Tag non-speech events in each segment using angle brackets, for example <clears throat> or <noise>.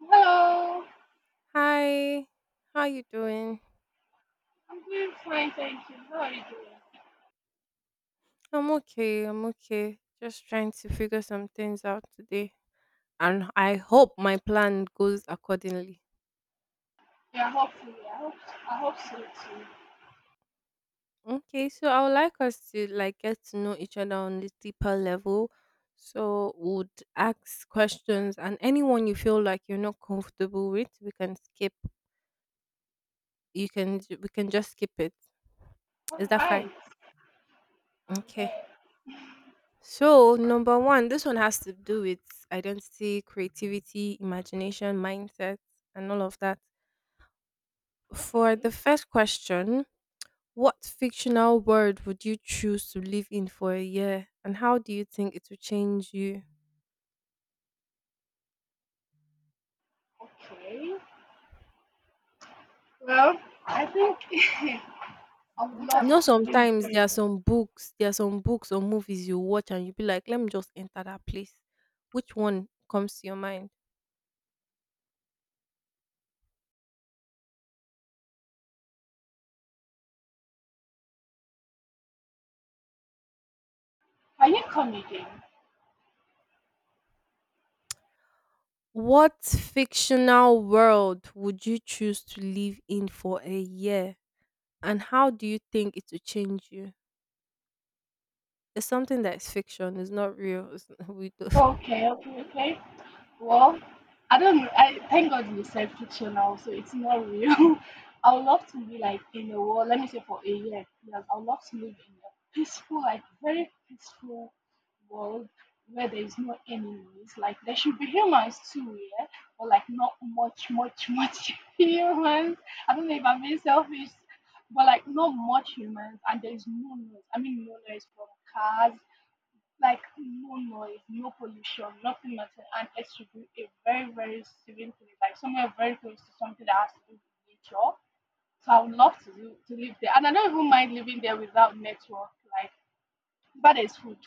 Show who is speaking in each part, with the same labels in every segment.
Speaker 1: Hello,
Speaker 2: Hi, how you doing?
Speaker 1: I'm doing fine, thank you. How are you doing?
Speaker 2: I'm okay. I'm okay. Just trying to figure some things out today, and I hope my plan goes accordingly.
Speaker 1: Yeah, hopefully. I hope so too.
Speaker 2: Okay, so I would like us to like get to know each other on a deeper level. So would ask questions, and anyone you feel like you're not comfortable with, we can skip. You can we can just skip it.
Speaker 1: All
Speaker 2: Is that fine?
Speaker 1: right. And
Speaker 2: Okay.
Speaker 1: then
Speaker 2: So, number one, this one has to do with identity, creativity, imagination, mindset, and all of that. For the
Speaker 1: okay,
Speaker 2: first question, what fictional world would you choose to live in for a year, and how do you think it will change you?
Speaker 1: okay. Well, I think <laughs> I would
Speaker 2: You know,
Speaker 1: love to meet
Speaker 2: sometimes there are
Speaker 1: them.
Speaker 2: some books, there are some books or movies you watch, and you be like, let me just enter that place. Which one comes to your mind?
Speaker 1: Can you come again?
Speaker 2: What fictional world would you choose to live in for a year? And how do you think it will change you? It's something that is fiction. It's not real. It's, <laughs> we do. <laughs>
Speaker 1: Okay, okay, okay. Well, I don't know. I thank God you said fictional, so it's not real. <laughs> I would love to be like in a world, let me say for a year, yes. I would love to live in a peaceful, like very peaceful world where there is no enemies. Like there should be humans too, yeah, but like not much, much, <laughs> much humans. I don't know if I'm being selfish, but like not much humans, and there is no noise. I mean, no noise from cars, like no noise, no pollution, nothing, nothing, and it should be a very, very serene place, like somewhere very close to something that has to do with nature. So I would love to do, to live there, and I don't even mind living there without network. Like, but there's food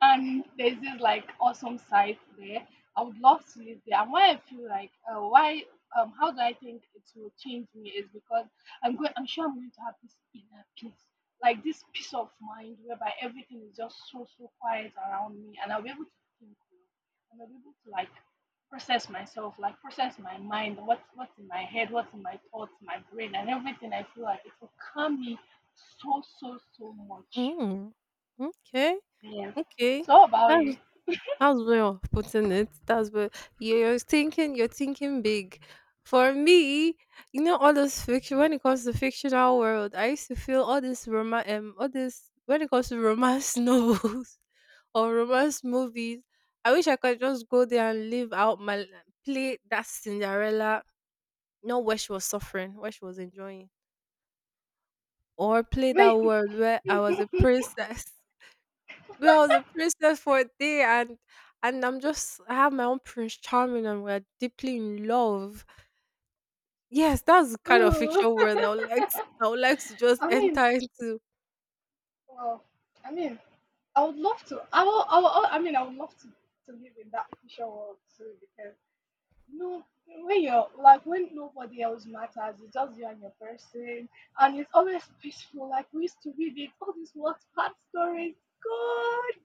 Speaker 1: and there's this like awesome site there. I would love to live there. And why I feel like why how do I think it will change me is because I'm sure I'm going to have this inner peace. Like this peace of mind whereby everything is just so so quiet around me and I'll be able to think well. And I'll be able to like process myself, like process my mind, what's in my head, what's in my thoughts, my brain and everything. I feel like it will calm me so so so much.
Speaker 2: Hmm. Okay.
Speaker 1: Yes.
Speaker 2: Okay.
Speaker 1: So how about
Speaker 2: That's
Speaker 1: you?
Speaker 2: that's way of putting it. That's where you're thinking. You're thinking big. For me, you know, all those fiction. When it comes to fictional world, I used to feel all this romance. All this when it comes to romance <laughs> novels or romance movies. I wish I could just go there and live out my like, play that Cinderella. Not where she was suffering, where she was enjoying. Or play that
Speaker 1: Wait,
Speaker 2: world where I was a princess. <laughs> Where I was a princess for a day and I have my own Prince Charming and we're deeply in love. Yes, that's the kind of
Speaker 1: oh,
Speaker 2: fictional world I would like to just
Speaker 1: I mean,
Speaker 2: enter into.
Speaker 1: well, I mean, I would love to. I mean, I would love to live in that future world too because you know when you're like when nobody else matters, it's just you and your person, and it's always peaceful. Like we used to read it, all these Wattpad stories. God.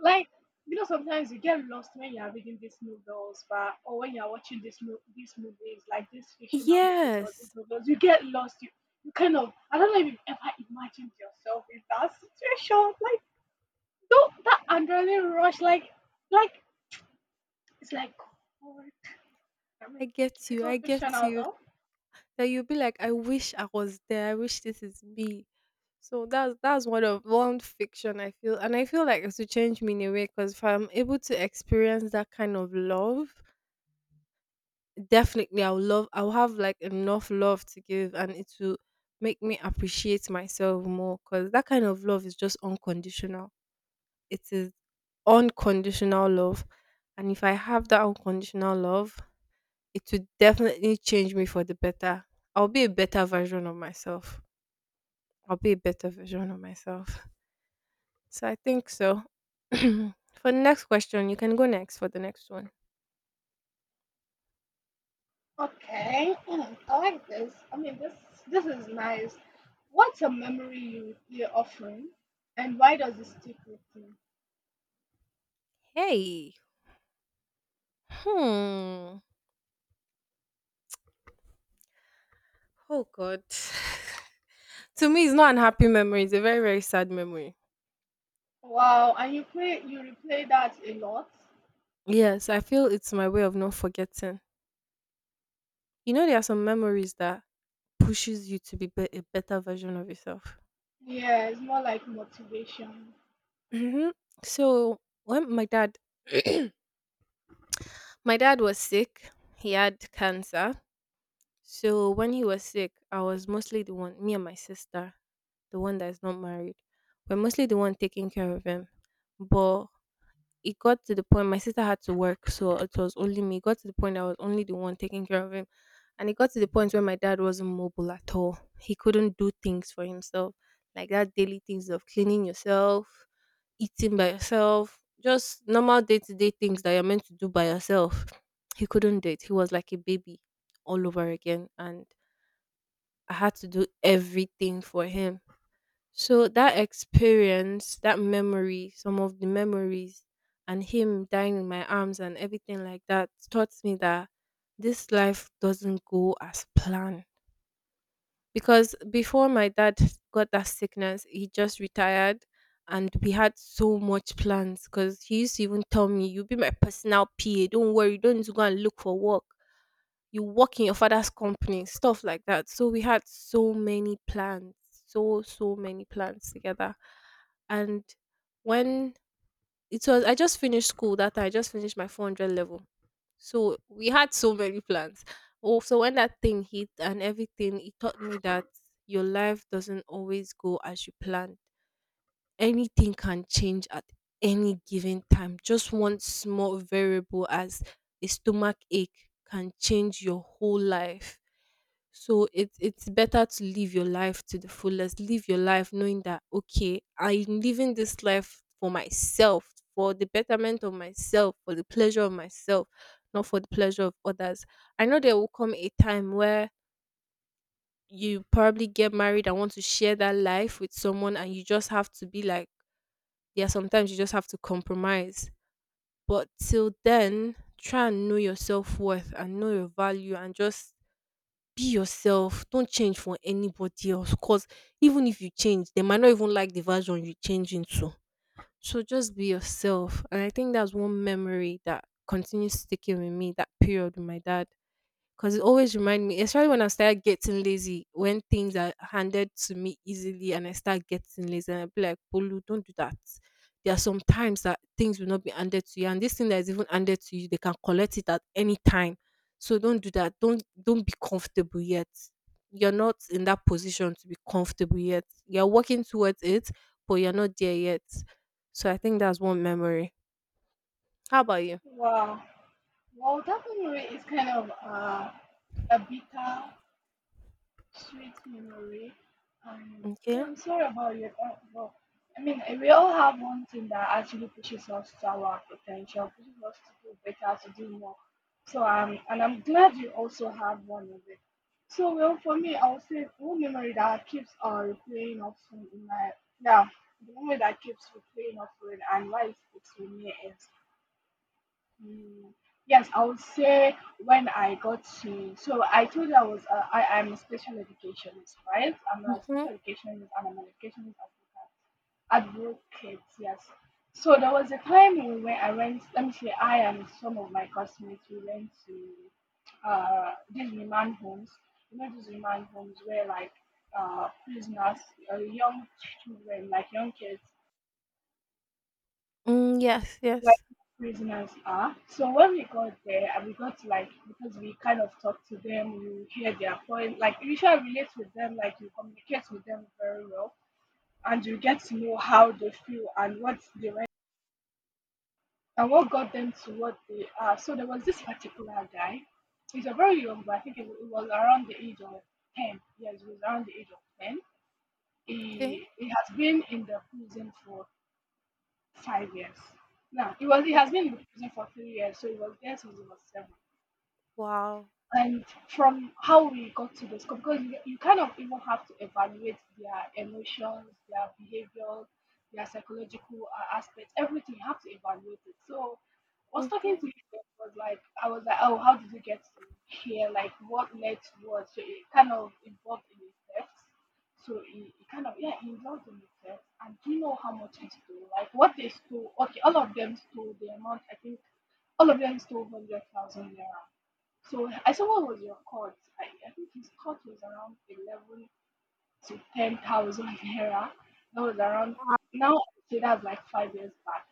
Speaker 1: Like, you know, sometimes you get lost when you are reading these novels, but or when you are watching these movies, like these fictional movies or these
Speaker 2: Yes.
Speaker 1: novels, you get lost, you kind of, I don't know if you've ever imagined yourself in that situation, like don't that adrenaline rush, like it's like God. I
Speaker 2: I
Speaker 1: mean
Speaker 2: get
Speaker 1: it's
Speaker 2: you,
Speaker 1: all
Speaker 2: I get
Speaker 1: fictional
Speaker 2: you.
Speaker 1: though.
Speaker 2: Then you'll be like, I wish I was there. I wish this is me. So that's one fiction I feel, and I feel like it's to change me in a way because if I'm able to experience that kind of love, definitely I'll love. I'll have like enough love to give, and it will make me appreciate myself more because that kind of love is just unconditional. It is unconditional love, and if I have that unconditional love, it will definitely change me for the better. I'll be a better version of myself. I'll be a better version of myself. So I think so. <clears throat> For the next question, you can go next for the next one.
Speaker 1: Okay, I like this. I mean this, this is nice. What's a memory you often and why does it stick with you?
Speaker 2: Hey. Hmm. Oh God. <sighs> <laughs> To me, it's not an happy memory. It's a very, very sad memory.
Speaker 1: Wow, and you play you replay that a lot?
Speaker 2: Yes, I feel it's my way of not forgetting. You know, there are some memories that pushes you to be, a better version of yourself.
Speaker 1: Yeah, it's more like motivation.
Speaker 2: Hmm. So when my dad, <clears throat> my dad was sick. He had cancer. So when he was sick, I was mostly the one, me and my sister, the one that is not married, we're mostly the one taking care of him. But it got to the point my sister had to work, so it was only me. It got to the point I was only the one taking care of him. And it got to the point where my dad wasn't mobile at all. He couldn't do things for himself, like that daily things of cleaning yourself, eating by yourself, just normal day to day things that you're meant to do by yourself. He couldn't do it. He was like a baby all over again. And I had to do everything for him, so that experience, that memory, some of the memories, and him dying in my arms and everything like that taught me that this life doesn't go as planned. Because before my dad got that sickness, he just retired and we had so much plans because he used to even tell me, "You'll be my personal PA, don't worry, you don't need to go and look for work, you work in your father's company," stuff like that. So we had so many plans, so so many plans together. And when it was, I just finished school that time, I just finished my 400 level. So we had so many plans. Oh, so when that thing hit and everything, it taught me that your life doesn't always go as you planned, anything can change at any given time. Just one small variable as a stomach ache can change your whole life. So it, it's better to live your life to the fullest. Live your life knowing that, okay, I'm living this life for myself, for the betterment of myself, for the pleasure of myself, not for the pleasure of others. I know there will come a time where you probably get married and want to share that life with someone and you just have to be like yeah, sometimes you just have to compromise. But till then, try and know your self worth and know your value and just be yourself. Don't change for anybody else. Cause even if you change, they might not even like the version you change into. So just be yourself. And I think that's one memory that continues sticking with me, that period with my dad because it always remind me, especially when I start getting lazy, when things are handed to me easily and I start getting lazy, and I be like, Polu, don't do that. There are some times that things will not be handed to you, and this thing that is even handed to you, they can collect it at any time. So don't do that. Don't be comfortable yet. You're not in that position to be comfortable yet. You're working towards it, but you're not there yet. So I think that's one memory. How about you?
Speaker 1: Wow. Well, that memory is kind of a bitter Sweet memory.
Speaker 2: Okay.
Speaker 1: Yeah, I'm sorry about your but I mean, we all have one thing that actually pushes us to our potential, pushes us to do better, to do more. So and I'm glad you also have one of it. So well, for me, I'll say one memory that keeps replaying often in my yeah, the memory that keeps replaying often and why it sticks with me is Mm, yes, I would say when I got to, so I told you I was, I am a special educationist, right? I'm a
Speaker 2: Hmm.
Speaker 1: special educationist and I'm an educationist advocate. Advocate, yes. So there was a time in when I went, let me say, I and some of my classmates, we went to these remand homes. You know, these remand homes where like prisoners, young children, like young kids,
Speaker 2: Mm, yes.
Speaker 1: like
Speaker 2: Yes.
Speaker 1: prisoners are. So when we got there and we got to like because we kind of talked to them, you hear their point, like you usually relate with them, like you communicate with them very well and you get to know how they feel and what they went and what got them to what they are. So there was this particular guy. He's a very young, but I think it was around the age of 10. Yes, he was around the age of 10.
Speaker 2: Okay.
Speaker 1: He has been in the prison for 5 years. Now he was he
Speaker 2: Wa-
Speaker 1: has been in the prison for 3 years, so he was there since he was 7.
Speaker 2: Wow.
Speaker 1: And from how we got to this, because you kind of even have to evaluate their emotions, their behaviors, their psychological aspects, everything you have to evaluate it. So I was talking
Speaker 2: Mhm.
Speaker 1: to him, was like, I was like, oh, how did you get to here, like what led to what? So it kind of involved in the theft. So it kind of, yeah, he involved in the theft. And do you know how much he stole, like what they stole? Okay, all of them stole the amount, I think all of them stole 100,000 naira. So I said, what was your court? I think his court was around 11 to 10,000 naira. That was around now. I say that's like 5 years back.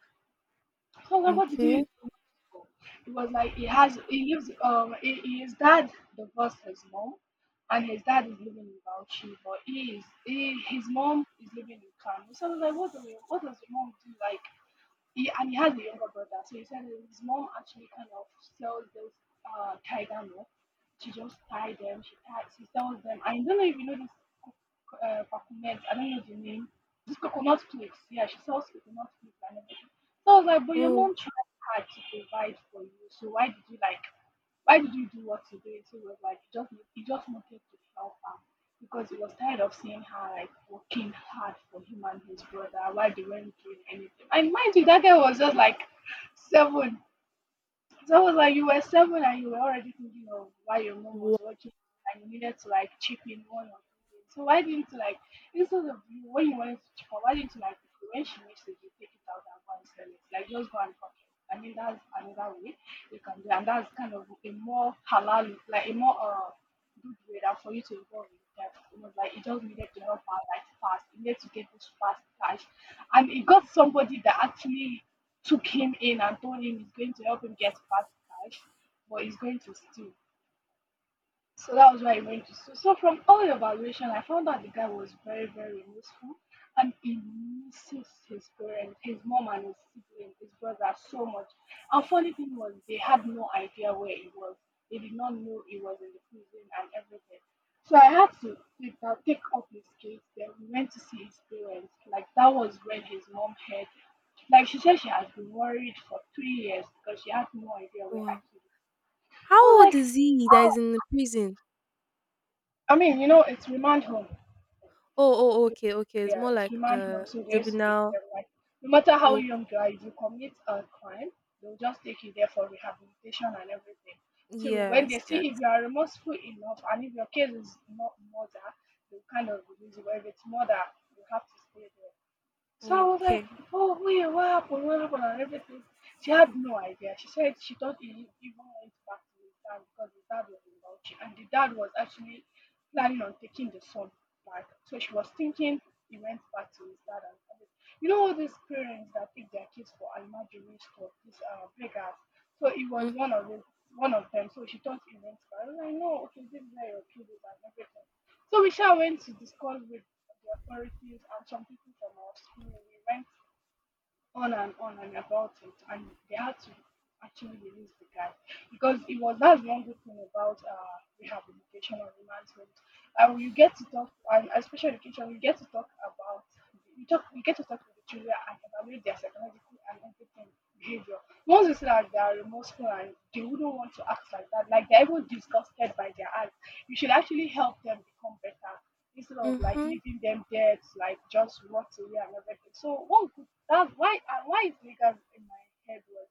Speaker 1: So I was like, what did you use
Speaker 2: Okay.
Speaker 1: the money for? It was like he lives, he, his dad divorced his mom, and his dad is living in Bauchi, but he, his mom is living in Kano. So I was like, what do you, what does your mom do like? He, and he has a younger brother, so he said his mom actually kind of sells those tiger moths. She just tie them. She ties. She sells them. I don't know if you know this coconut. I don't know the name. This coconut flakes. Yeah, she sells coconut flakes and everything. So I was like, but your
Speaker 2: Oh,
Speaker 1: mom tried hard to provide for you. So why did you like? Why did you do what you did? So he was like, you just wanted to help her because he was tired of seeing her like working hard for him and his brother while they weren't doing anything. And mind you, that guy was just like 7. So I was like, you were 7 and you were already thinking of why your mom was watching and you needed to like chip in 1 or 2 days. So why didn't you like instead of you when you wanted to chip out, why didn't you like when she makes it you take it out and go and sell it? Like just go and fuck it. I mean that's another way you can do it. And that's kind of a more halal, like a more good way that for you to involve in debt. It was like it just needed to help her like fast. You needed to get this fast cash. And it got somebody that actually Two came in and told him he's going to help him get fast cash, but he's going to steal. So that was where I went to school. So from all the evaluation, I found out the guy was very, very remorseful and he misses his parents, his mom and his sibling, his brother so much. And funny thing was they had no idea where he was. They did not know he was in the prison and everything. So I had to take, take up his case. Then we went to see his parents. Like that was when his mom heard. Like she said, she has been worried for 3 years because she had no idea where her
Speaker 2: wow.
Speaker 1: kid.
Speaker 2: How old is he that is in the prison?
Speaker 1: I mean, you know, it's remand home.
Speaker 2: Oh, oh, okay, okay. It's
Speaker 1: Yeah,
Speaker 2: more
Speaker 1: it's
Speaker 2: like
Speaker 1: remand home, so they used to take
Speaker 2: juvenile.
Speaker 1: them like no matter how
Speaker 2: Oh,
Speaker 1: young you are, if you commit a crime, they'll just take you there for rehabilitation and everything. Till when
Speaker 2: yes,
Speaker 1: they
Speaker 2: yes.
Speaker 1: see if you are remorseful enough and if your case is not murder, they'll kind of release you. But if it's murder, you have to stay there. So I was like,
Speaker 2: Okay.
Speaker 1: oh, wait, what happened? What happened? And everything. She had no idea. She said she thought he even went back to his dad because his dad was in Bauchi. And the dad was actually planning on taking the son back. So she was thinking he went back to his dad. And everything. You know all these parents that take their kids for imaginary stuff, these beggars. So it was one
Speaker 2: Mhm.
Speaker 1: of the, one of them. So she thought he went back. I was like, no, okay, this is where your kid is and everything. So we shall went to discuss with the authorities and some people from our school. We went on and about it, and they had to actually release the guy because it was that's one good thing about rehabilitation or enhancement. You get to talk, and special education, you get to talk about you get to talk with the children and evaluate their psychological and everything behavior. Once you see that they are remorseful and they wouldn't want to act like that, like they're even disgusted by their, you should actually help them become better instead of like
Speaker 2: Mhm.
Speaker 1: leaving them dead, like just rot away and everything. So what could, that's why, and why is Lagos in my head was,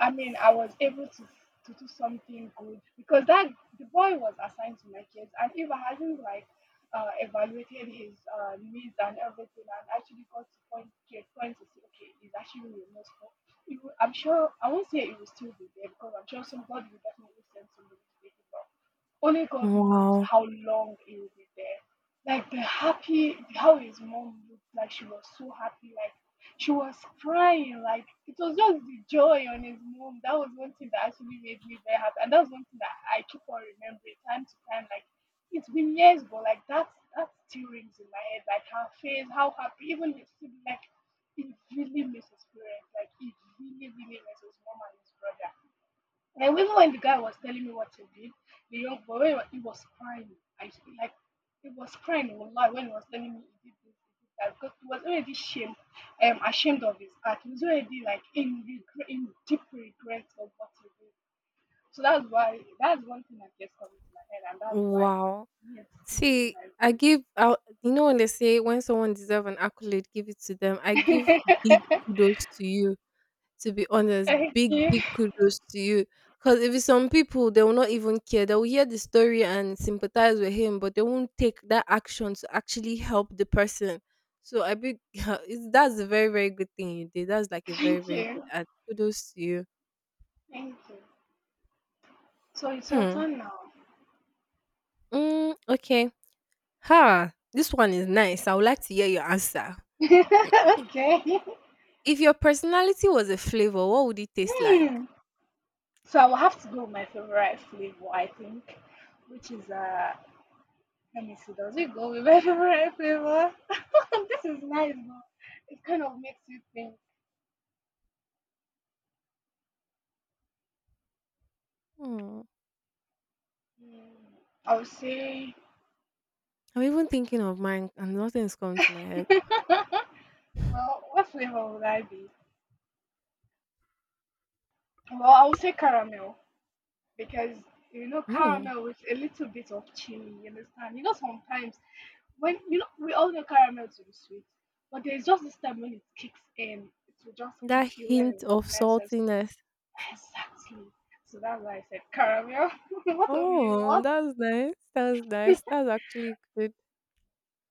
Speaker 1: I was able to do something good because that, the boy was assigned to my kids, and if I hadn't like evaluated his needs and everything, and actually got to point to a point to say, okay, he's actually remorseful. It would, I'm sure I won't say it will still be there because I'm sure somebody will definitely send somebody to take it off. Only God knows
Speaker 2: Wow.
Speaker 1: how long it will be there. Like the happy, how his mom looked like she was so happy, like she was crying, like it was just the joy on his mom. That was one thing that actually made me very happy. And that's one thing that I keep on remembering time to time. Like it's been years, but like that still rings in my head. Like her face, how happy, even his sibling, like he really misses parents. Like he really, really misses mom and his brother. And even when the guy was telling me what he did, the young boy, when he was crying, like he was crying a lot when he was telling me he did this, he did that, because he was already shamed, ashamed of his act. He was already like in regret, in deep regret of what he did. So that's why, that's one thing that gets coming to my head, and that's why
Speaker 2: Wow.
Speaker 1: it sticks
Speaker 2: See, I give out. You know when they say when someone deserves an accolade, give it to them. I
Speaker 1: to
Speaker 2: give
Speaker 1: my
Speaker 2: big
Speaker 1: brain.
Speaker 2: kudos to you. To be
Speaker 1: <laughs>
Speaker 2: honest,
Speaker 1: Thank
Speaker 2: big,
Speaker 1: you,
Speaker 2: big kudos to you. Because if it's some people, they will not even care. They will hear the story and sympathize with him, but they won't take that action to actually help the person. So I big, <laughs> it's, that's a very, very good thing you did. That's like a very,
Speaker 1: thank
Speaker 2: very
Speaker 1: you,
Speaker 2: good ad. Kudos to you.
Speaker 1: thank you. So it's your
Speaker 2: Hmm.
Speaker 1: turn now.
Speaker 2: Mm, okay. Ha. This one is nice. I would like to hear your answer.
Speaker 1: <laughs> Okay.
Speaker 2: If your personality was a flavor, what would it taste like?
Speaker 1: Hmm. So I will have to go with my favorite flavor, I think, which is uh, let me see, does it go with my <laughs> favorite flavor? <laughs> This is nice, but it kind of makes you think.
Speaker 2: Hmm.
Speaker 1: Hmm, I would say,
Speaker 2: I'm even thinking of mine, and nothing's coming to my head.
Speaker 1: <laughs> well, what flavor would I be? Well, I would say caramel because, you know,
Speaker 2: Hmm.
Speaker 1: caramel with a little bit of chili. You understand? You know sometimes when, you know, we all know caramel to be sweet, but there's just this time when it kicks in, it will just
Speaker 2: That
Speaker 1: kick you when it
Speaker 2: hint of
Speaker 1: is necessary.
Speaker 2: saltiness.
Speaker 1: Exactly. So that's why I said caramel. <laughs> What of you?
Speaker 2: Oh, that's nice. That's nice. That's actually good.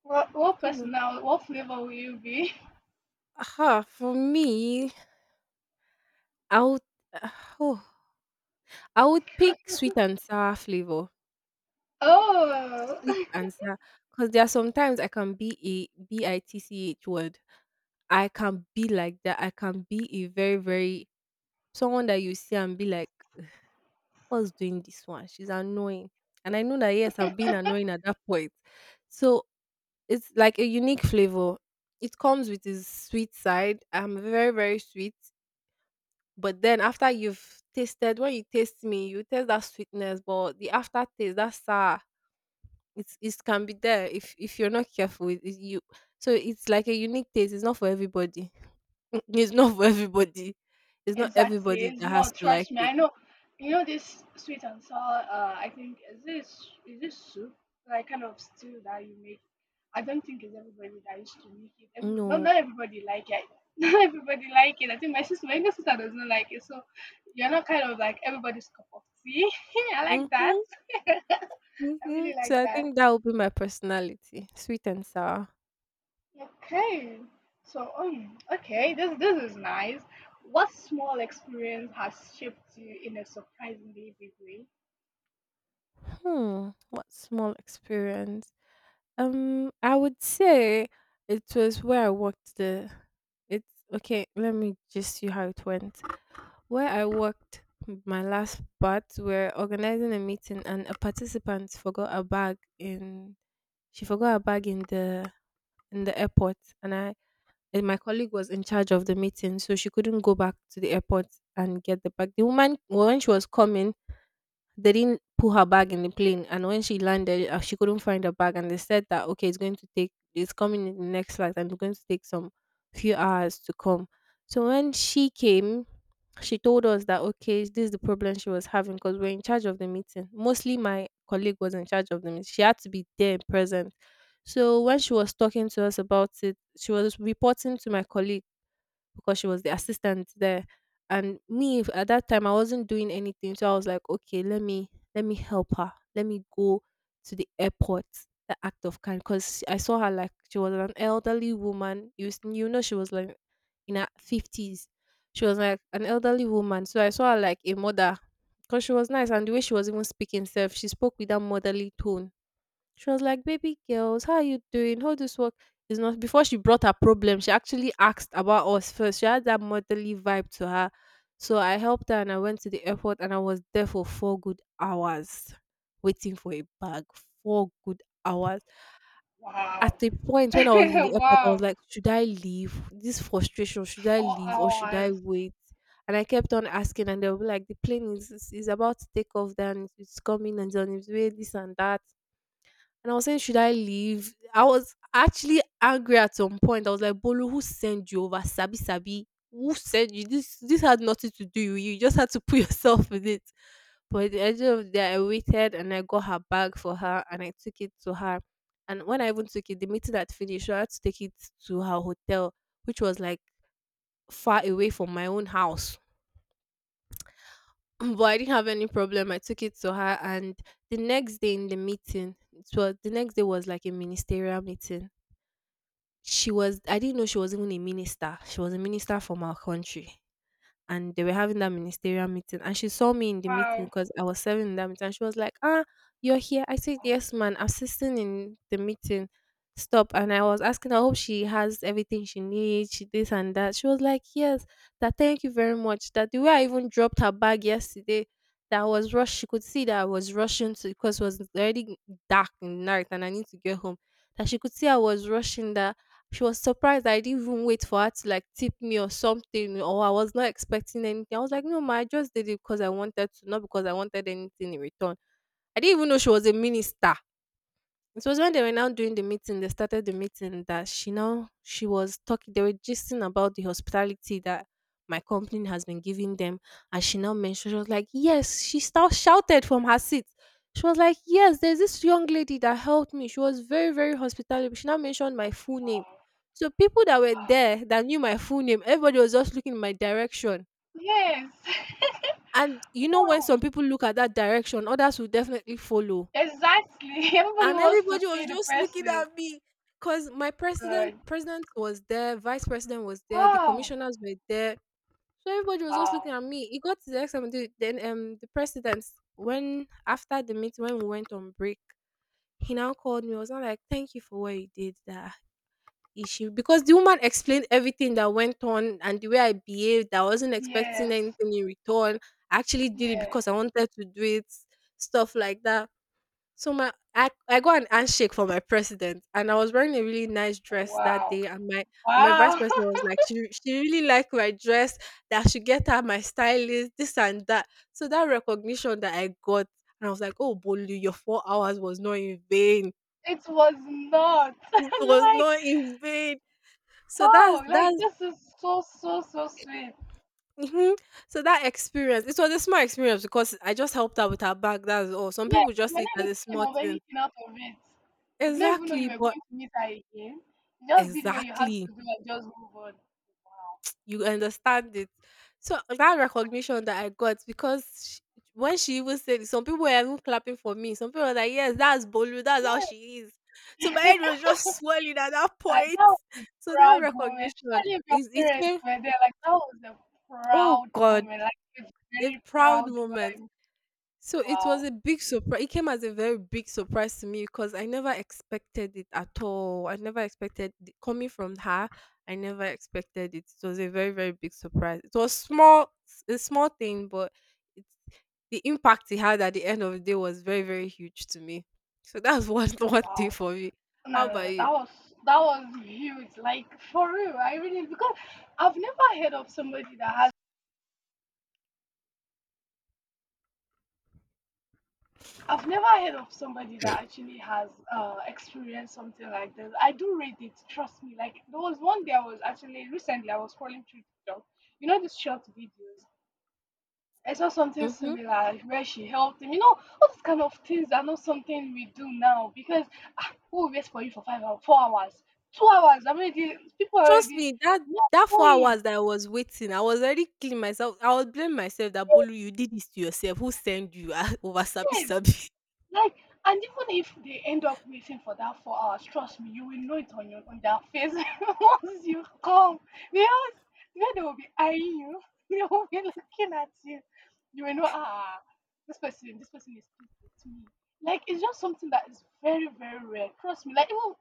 Speaker 1: What
Speaker 2: Hmm.
Speaker 1: personal, what flavor will you be? <laughs>
Speaker 2: Aha, for me, I would, uh, oh, I would pick sweet and sour flavor.
Speaker 1: Oh
Speaker 2: Sweet and
Speaker 1: <laughs>
Speaker 2: sour, because there are sometimes I can be a BITCH word. I can be like that. I can be a very, very someone that you see and be like, "What's doing this one? She's annoying." And I know that yes, I'm being annoying at that point. So it's like a unique flavor. It comes with its sweet side. I'm very, very sweet. But then after you've tasted, when you taste me, you taste that sweetness, but the aftertaste, that sour, it's it can be there if you're not careful. It- you So it's like a unique taste. It's not for everybody. <laughs> It's not for everybody. It's not
Speaker 1: exactly.
Speaker 2: everybody
Speaker 1: It's
Speaker 2: that has
Speaker 1: not,
Speaker 2: to like
Speaker 1: trust me.
Speaker 2: it.
Speaker 1: I know, you know, this sweet and sour, uh, I think is, this is this soup? Like kind of stew that you make. I don't think it's everybody that used to make it. Every, no,
Speaker 2: No.
Speaker 1: not everybody like it. <laughs> Not everybody like it. I think my sister, my younger sister, does not like it. So you're not kind of like everybody's cup of tea. <laughs> I like that.
Speaker 2: Mm-hmm,
Speaker 1: <laughs> I
Speaker 2: mm-hmm.
Speaker 1: really like
Speaker 2: So I
Speaker 1: that.
Speaker 2: think that would be my personality, sweet and sour.
Speaker 1: Okay. So, okay, this is nice. What small experience has shaped you in a surprisingly big way?
Speaker 2: Hmm, what small experience? I would say it was where I worked the it's okay, let me just see how it went. Where I worked my last part, we're organizing a meeting and a participant forgot a bag in she forgot her bag in the airport and I and my colleague was in charge of the meeting, so she couldn't go back to the airport and get the bag. The woman when she was coming, they didn't put her bag in the plane, and when she landed, she couldn't find her bag, and they said that okay, it's going to take, it's coming in the next flight, and it's going to take some few hours to come. So when she came, she told us that okay, this is the problem she was having because we're in charge of the meeting. Mostly, my colleague was in charge of the meeting. She had to be there and present. So when she was talking to us about it, she was reporting to my colleague because she was the assistant there. And me at that time I wasn't doing anything. So I was like, okay, let me help her. Let me go to the airport. The act of kind because I saw her like she was an elderly woman. You know she was like in her fifties. She was like an elderly woman. So I saw her like a mother because she was nice and the way she was even speaking self, she spoke with that motherly tone. She was like, "Baby girls, how are you doing? How this work is not." Before she brought her problem, she actually asked about us first. She had that motherly vibe to her, so I helped her and I went to the airport and I was there for four good hours waiting for a bag. Four good hours. At
Speaker 1: Wow.
Speaker 2: the point when I was in
Speaker 1: <laughs>
Speaker 2: the airport, I was
Speaker 1: Wow.
Speaker 2: like, "Should I leave? This frustration. Should I
Speaker 1: Four
Speaker 2: leave or should I
Speaker 1: hours.
Speaker 2: wait?" And I kept on asking, and they were like, "The plane is about to take off. Then it's coming and it's on its way. This and that." And I was saying, should I leave? I was actually angry at some point. I was like, Bolu, who sent you over? Sabi Sabi, who sent you? This had nothing to do with you. You just had to put <laughs> yourself with it. But at the end of the day, I waited and I got her bag for her and I took it to her. And when I even took it, the meeting had finished. So I had to take it to her hotel, which was like far away from my own house. <clears throat> But I didn't have any problem. I took it to her and the next day in the meeting, it was the next day was like a ministerial meeting. She was, I didn't know she was even a minister. She was a minister from our country. And they were having that ministerial meeting. And she saw me in the meeting
Speaker 1: Wow.
Speaker 2: because I was serving in that meeting. And she was like, "Ah, you're here." I said, "Yes, man, assisting in the meeting." Stop. And I was asking, I hope she has everything she needs, she this and that. She was like, "Yes, that thank you very much. That the way I even dropped her bag yesterday, that I was rushed." She could see that I was rushing to because it was already dark in the night and I need to get home, that she could see I was rushing, that she was surprised I didn't even wait for her to like tip me or something, or I was not expecting anything. I was like, "No, ma, I just did it because I wanted to, not because I wanted anything in return." I didn't even know she was a minister. It was when they were now doing the meeting, they started the meeting that she now she was talking, they were gisting about the hospitality that my company has been giving them. And she now mentioned, she was like, "Yes," she now shouted from her seat. She was like, "Yes, there's this young lady that helped me. She was very, very hospitable." She now mentioned my full name.
Speaker 1: Wow.
Speaker 2: So people that were
Speaker 1: Wow.
Speaker 2: there that knew my full name, everybody was just looking in my direction.
Speaker 1: Yes. <laughs>
Speaker 2: And you know when some
Speaker 1: Wow.
Speaker 2: people look at that direction, others will definitely follow,
Speaker 1: Exactly. <laughs> Everybody
Speaker 2: and
Speaker 1: wants to
Speaker 2: everybody was
Speaker 1: see the
Speaker 2: just looking
Speaker 1: person.
Speaker 2: at me because my president
Speaker 1: Good.
Speaker 2: president was there, vice president was there, the
Speaker 1: Wow.
Speaker 2: commissioners were there, so everybody was just
Speaker 1: Wow.
Speaker 2: looking at me. It got to the next time, the president, when after the meeting when we went on break, he now called me. I was not like thank you for what you did, that issue because the woman explained everything that went on and the way I behaved, I wasn't expecting
Speaker 1: Yes.
Speaker 2: anything in return, I actually did it
Speaker 1: Yeah.
Speaker 2: because I wanted to do it, stuff like that. So my I got an handshake for my president, and I was wearing a really nice dress that
Speaker 1: Wow.
Speaker 2: day. And my vice
Speaker 1: Wow.
Speaker 2: president was
Speaker 1: <laughs>
Speaker 2: like, she really liked my dress. That I should get her my stylist, this and that. So that recognition that I got, and I was like, "Oh, Bolu, your four hours was not in vain."
Speaker 1: It was not <laughs>
Speaker 2: It was
Speaker 1: like,
Speaker 2: not in vain. So that's
Speaker 1: wow, like
Speaker 2: that's.
Speaker 1: this is so so so sweet.
Speaker 2: Mhm. So that experience, it was a small experience because I just helped her with her bag. That's all. Some
Speaker 1: Yeah,
Speaker 2: people
Speaker 1: you
Speaker 2: just
Speaker 1: were
Speaker 2: see it
Speaker 1: not
Speaker 2: as
Speaker 1: even
Speaker 2: a small
Speaker 1: thinking of
Speaker 2: thing.
Speaker 1: anything out of it. You did not even know you
Speaker 2: Exactly,
Speaker 1: were
Speaker 2: but
Speaker 1: going to meet her again. You just did what you had to
Speaker 2: exactly,
Speaker 1: do and just move on. Wow.
Speaker 2: you understand it. So that recognition that I got because sh when she even said it, some people were even clapping for me. Some people were like, "Yes, that's Bolu. That's how
Speaker 1: Yeah.
Speaker 2: she is." So my head
Speaker 1: <laughs>
Speaker 2: was just <laughs> swelling at that
Speaker 1: Like
Speaker 2: point.
Speaker 1: that
Speaker 2: <laughs>
Speaker 1: was a
Speaker 2: So that
Speaker 1: proud moment.
Speaker 2: recognition
Speaker 1: Especially if your
Speaker 2: is it
Speaker 1: parents
Speaker 2: came.
Speaker 1: were there, like that was a
Speaker 2: Oh
Speaker 1: proud
Speaker 2: God,
Speaker 1: moment. Like a
Speaker 2: a
Speaker 1: very
Speaker 2: proud
Speaker 1: proud
Speaker 2: moment.
Speaker 1: one.
Speaker 2: So it was
Speaker 1: Wow.
Speaker 2: a big surprise. It came as a very big surprise to me because I never expected it at all. I never expected coming from her. I never expected it. It was a very very big surprise. It was small, a small thing, but it, the impact it had at the end of the day was very very huge to me. So that's <laughs> one thing
Speaker 1: Wow.
Speaker 2: for me.
Speaker 1: No,
Speaker 2: How
Speaker 1: no,
Speaker 2: about
Speaker 1: no,
Speaker 2: you?
Speaker 1: that was, that was huge. Like for real, I really, because I've never heard of somebody that has, I've never heard of somebody that actually has, experienced something like this. I do read it, trust me. Like there was one day I was actually, recently I was scrolling through TikTok. You know these short videos. I saw something
Speaker 2: Mhm.
Speaker 1: similar where she helped him. You know, all these kind of things are not something we do now because, ah, who will wait for you for 5 hours, 4 hours, 2 hours? I mean, the- people
Speaker 2: Trust
Speaker 1: already
Speaker 2: me, that
Speaker 1: not
Speaker 2: 4
Speaker 1: going.
Speaker 2: hours that I was waiting, I was already killing myself. I was blaming myself that Bolu, you did this to yourself. Who sent you <laughs> ah, over sabi
Speaker 1: Yes,
Speaker 2: sabi? <laughs>
Speaker 1: like, and even if they end up waiting for that 4 hours, trust me, you will know it on your, on their face <laughs> once you come. Because then they will be eyeing you, <laughs> they will be looking at you. You will know, ah, ah, this person is pleased with me. Like, it's just something that is very, very rare. Trust me, like even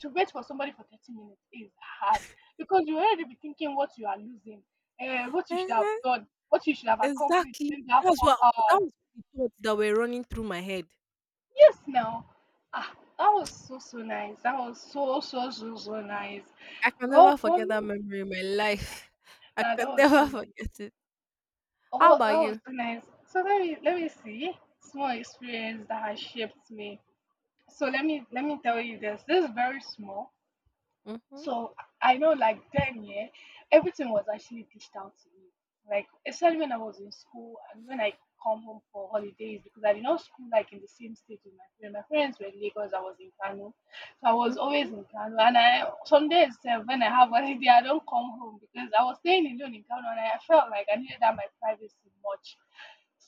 Speaker 1: to wait for somebody for 30 minutes is hard because you already be thinking what you are losing, what you should
Speaker 2: Eh,
Speaker 1: have done, what you should have accomplished
Speaker 2: exactly.
Speaker 1: in that
Speaker 2: That was
Speaker 1: four
Speaker 2: what,
Speaker 1: hours.
Speaker 2: that was the thoughts that were running through my head.
Speaker 1: Yes, now. Ah, that was so, so nice. That was so, so, so, so nice.
Speaker 2: I can
Speaker 1: Well,
Speaker 2: never
Speaker 1: for
Speaker 2: forget that
Speaker 1: me,
Speaker 2: memory in my life. <laughs> I
Speaker 1: ah, that
Speaker 2: can
Speaker 1: was so
Speaker 2: never <laughs>
Speaker 1: nice.
Speaker 2: forget it. How
Speaker 1: Oh,
Speaker 2: about
Speaker 1: that was
Speaker 2: you?
Speaker 1: so nice. So let me see. Small experience that has shaped me. So let me tell you this. This is very small.
Speaker 2: Mhm.
Speaker 1: So I know like then, yeah, everything was actually dished out to me. Like especially when I was in school and when I come home for holidays because I did not school like in the same state with my friends. My friends were in Lagos, I was in Kano. So I was
Speaker 2: Mhm,
Speaker 1: always in Kano, and I some days sef, when I have <laughs> holiday, I don't come home because I was staying alone in Kano and I felt like I needed that my privacy much.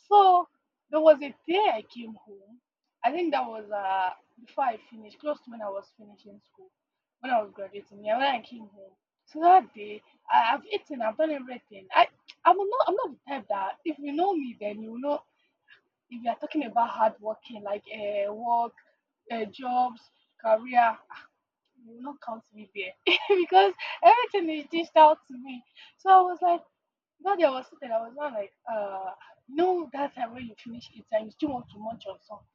Speaker 1: So there was a day I came home. I think that was uh, before I finished, close to when I was finishing school, when I was graduating, yeah, when I came home. So that day, I, I've eaten, I've done everything. I'm not the type that, if you know me, then you know, if you're talking about hard working, like work, jobs, career, you will not count me there <laughs> because everything is dished out to me. So I was like, that day I was sitting, I was not like, you know that time when you finish eating, you still want to munch on something.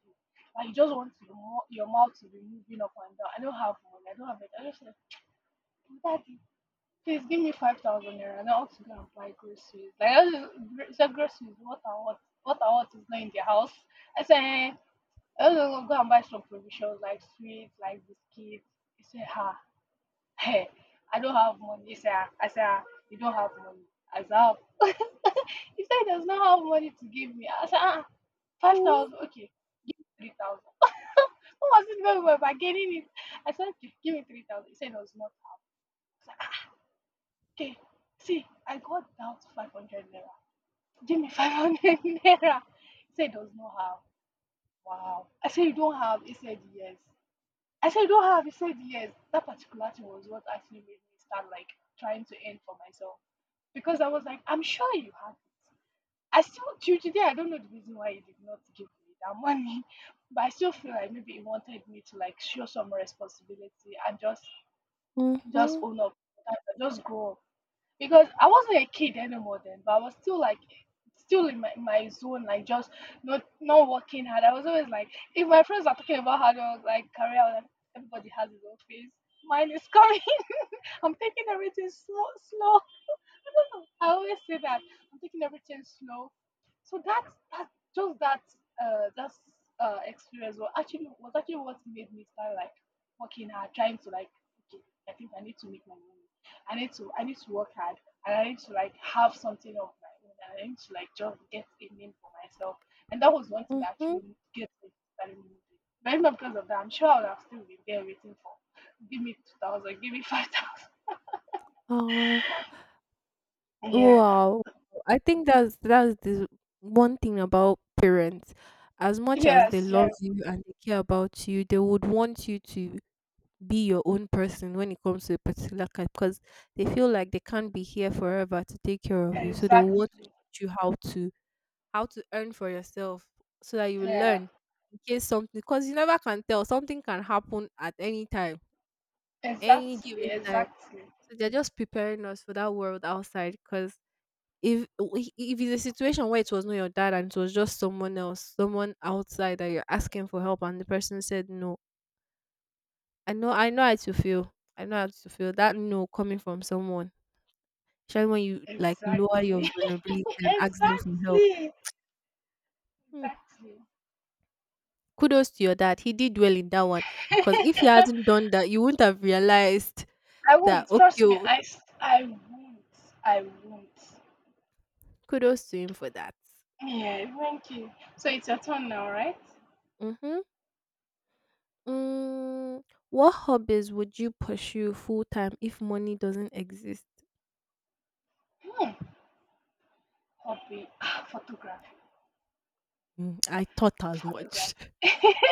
Speaker 1: Like you just want your, mou- your mouth to be moving up and down. I don't have money. I don't have it. I just said, Daddy, please give me 5,000 naira. Now I want to go and buy groceries. Like I just said, groceries. What I want is not in the house. I said, eh, I just want to go and buy some provisions like sweets, like biscuits. He said, ha, hey, I don't have money. He said, "Ah." I said, "Ah, you don't have money." I said, "Ah." <laughs> He said, he does not have money to give me. I said, ah, 5,000. Okay, give me 3,000. <laughs> What was it when we were bargaining? It. I said, okay, give me 3,000. He said, it was not. Okay, see, I got that 500 naira. Give me 500 <laughs> naira. He said, does not have. Wow. I said, you don't have. He said, yes. I said, you don't have. He said, yes. That particular thing was what actually made me start like trying to earn for myself because I was like, I'm sure you have it. I still, till today, I don't know the reason why he did not give me that money, <laughs> but I still feel like maybe he wanted me to like show some responsibility and
Speaker 2: mhm,
Speaker 1: just
Speaker 2: mhm,
Speaker 1: own up, just grow up. Because I wasn't a kid anymore then, but I was still like still in my, my zone, like just not, not working hard. I was always like, if my friends are talking about how to like career, I was like, everybody has his own phase. Mine is coming. <laughs> I'm taking everything slow slow. <laughs> I always say that I'm taking everything slow. So that that just that that experience was actually, was actually what made me start like working hard, trying to like, okay, I think I need to make my money. I need to, I need to work hard, and I need to like have something of my own, and I need to like just get a name for myself. And that was one thing that
Speaker 2: mhm.
Speaker 1: actually gets me started moving. But if not because of that, I'm sure I would have still been there waiting for, give me 2,000, give me 5,000.
Speaker 2: Uh,
Speaker 1: Yeah.
Speaker 2: wow. I think that's the one thing about parents. As much as they
Speaker 1: Yes,
Speaker 2: love
Speaker 1: yes.
Speaker 2: you and they care about you, they would want you to be your own person when it comes to a particular kind because they feel like they can't be here forever to take care of you. So they will want to
Speaker 1: Exactly.
Speaker 2: teach you how to earn for yourself so that you will
Speaker 1: Yeah.
Speaker 2: learn in case something, because you never can tell, something can happen at any time, any
Speaker 1: Exactly.
Speaker 2: given time.
Speaker 1: Exactly.
Speaker 2: So they're just preparing us for that world outside. Because if it's a situation where it was not your dad and it was just someone else, someone outside that you're asking for help, and the person said no, I know how to feel. I know how to feel that no coming from someone, especially when you like lower your
Speaker 1: Exactly.
Speaker 2: vulnerability
Speaker 1: <laughs>
Speaker 2: and ask them for help.
Speaker 1: Exactly.
Speaker 2: Hmm.
Speaker 1: Exactly.
Speaker 2: Kudos to your dad. He did well in that one. Because if he
Speaker 1: <laughs>
Speaker 2: hadn't done that, you wouldn't have realized
Speaker 1: I
Speaker 2: that.
Speaker 1: won't.
Speaker 2: Okay,
Speaker 1: Trust me.
Speaker 2: oh,
Speaker 1: I won't. I won't.
Speaker 2: kudos to him for that.
Speaker 1: Yeah. Thank you. So it's your turn now, right?
Speaker 2: Mm-hmm. Mm, what hobbies would you pursue full time if money doesn't exist?
Speaker 1: Hmm. Hobby. Ah, photography.
Speaker 2: Mm, I thought as much.
Speaker 1: Photography. <laughs>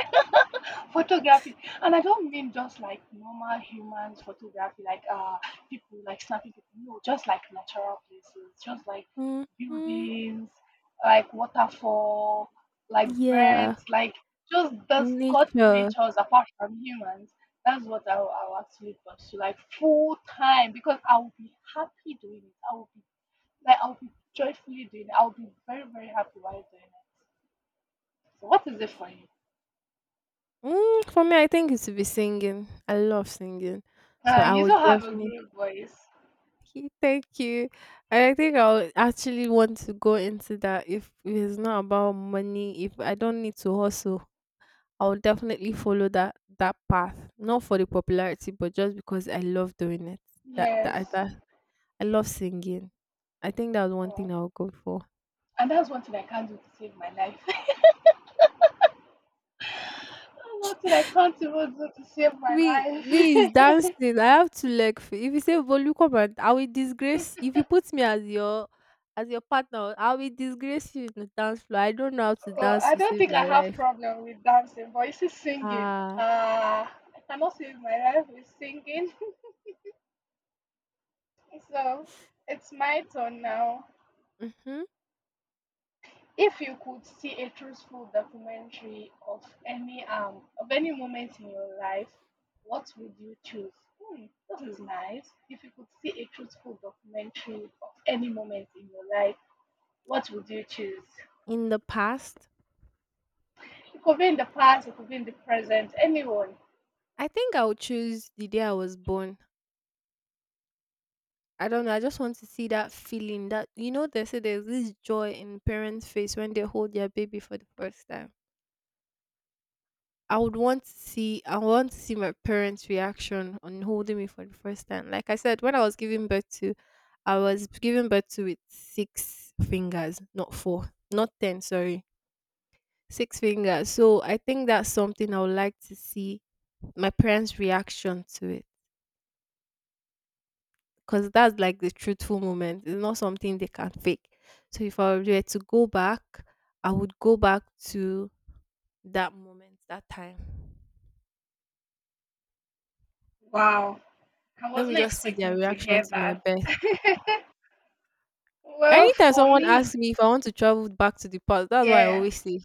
Speaker 1: Photography, and I don't mean just like normal humans photography, like people like snapping people. No, just like natural places, just like
Speaker 2: <laughs> Hmm.
Speaker 1: buildings, like waterfall, like
Speaker 2: Yeah,
Speaker 1: birds, like just those God
Speaker 2: nature.
Speaker 1: creatures apart from humans. That's what I will actually pursue, like full time, because I will be happy doing it. I will be like I'll be joyfully doing it. I'll be very very happy while doing it. So what is it for you?
Speaker 2: Mm, for me, I think it's to be singing. I love singing, so I
Speaker 1: You
Speaker 2: would
Speaker 1: don't have a
Speaker 2: definitely.
Speaker 1: great voice.
Speaker 2: <laughs> Thank you. I think I would actually want to go into that if it's not about money. If I don't need to hustle, I would definitely follow that path. Not for the popularity, but just because I love doing it. That,
Speaker 1: Yes.
Speaker 2: I love singing. I think that was one thing
Speaker 1: Oh.
Speaker 2: I'll go for.
Speaker 1: And that's one thing I can't do to save my life. <laughs> That's one thing I can't even do to save my
Speaker 2: Me, me is
Speaker 1: life.
Speaker 2: dancing. I have two leg. If you say Volukoman, I will disgrace. If you put me as your partner, I will disgrace you in the dance floor. I don't know how to
Speaker 1: <laughs> Oh,
Speaker 2: dance
Speaker 1: I
Speaker 2: to
Speaker 1: don't
Speaker 2: save
Speaker 1: think
Speaker 2: my
Speaker 1: I have
Speaker 2: life.
Speaker 1: problem with dancing, but it's see singing.
Speaker 2: Ah,
Speaker 1: I cannot save my life with singing. <laughs> So it's my turn now.
Speaker 2: hmm.
Speaker 1: If you could see a truthful documentary of any moment in your life, what would you choose? Hmm, this nice. If you could see a truthful documentary of any moment in your life, what would you choose?
Speaker 2: In the past,
Speaker 1: It could be in the past, it could be in the present, anyone.
Speaker 2: I think I would choose the day I was born. I don't know. I just want to see that feeling. That you know, they say there's this joy in parents' face when they hold their baby for the first time. I would want to see, I want to see my parents' reaction on holding me for the first time. Like I said, when I was giving birth to, I was giving birth to with six fingers, not four, not ten, sorry, six fingers. So I think that's something I would like to see, my parents' reaction to it, because that's like the truthful moment. It's not something they can fake. So if I were to go back, I would go back to that moment, that time.
Speaker 1: Wow. I
Speaker 2: Let me
Speaker 1: wasn't
Speaker 2: just see their
Speaker 1: expecting to
Speaker 2: reaction
Speaker 1: hear
Speaker 2: to my
Speaker 1: that.
Speaker 2: birth.
Speaker 1: <laughs> Well,
Speaker 2: Anytime
Speaker 1: for
Speaker 2: someone asks
Speaker 1: me,
Speaker 2: me if I want to travel back to the past, that's what I
Speaker 1: yeah.
Speaker 2: always say.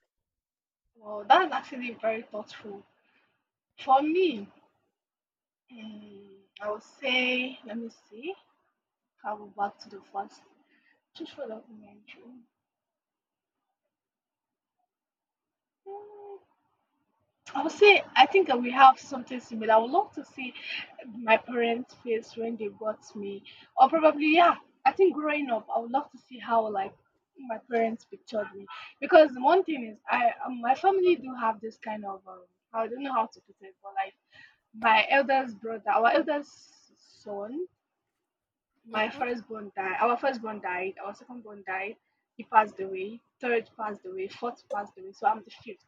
Speaker 1: Well, that's actually very thoughtful. For me, I would say, let me see. Travel back to the first. Just for documentary. Mm, I would say I think that we have something similar. I would love to see my parents' face when they got me, or probably yeah. I think growing up, I would love to see how like my parents pictured me because one thing is I my family do have this kind of I don't know how to put it, but like my eldest brother, our eldest son. My
Speaker 2: Hmm.
Speaker 1: firstborn died. Our firstborn died. Our secondborn died. He passed away. Third passed away. Fourth passed away. So I'm the fifth.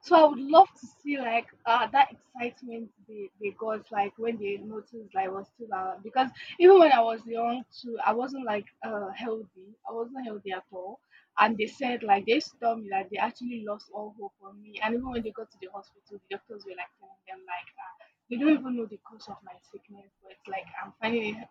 Speaker 1: So I would
Speaker 2: Mm.
Speaker 1: love to see like that excitement they got like when they noticed like I was still around, because even when I was young too, I wasn't like healthy. I wasn't healthy at all, and they said like they used to tell me that they actually lost all hope on me, and even when they got to the hospital, the doctors were like telling them like they don't even know the cause of my sickness, but it's like I'm finding it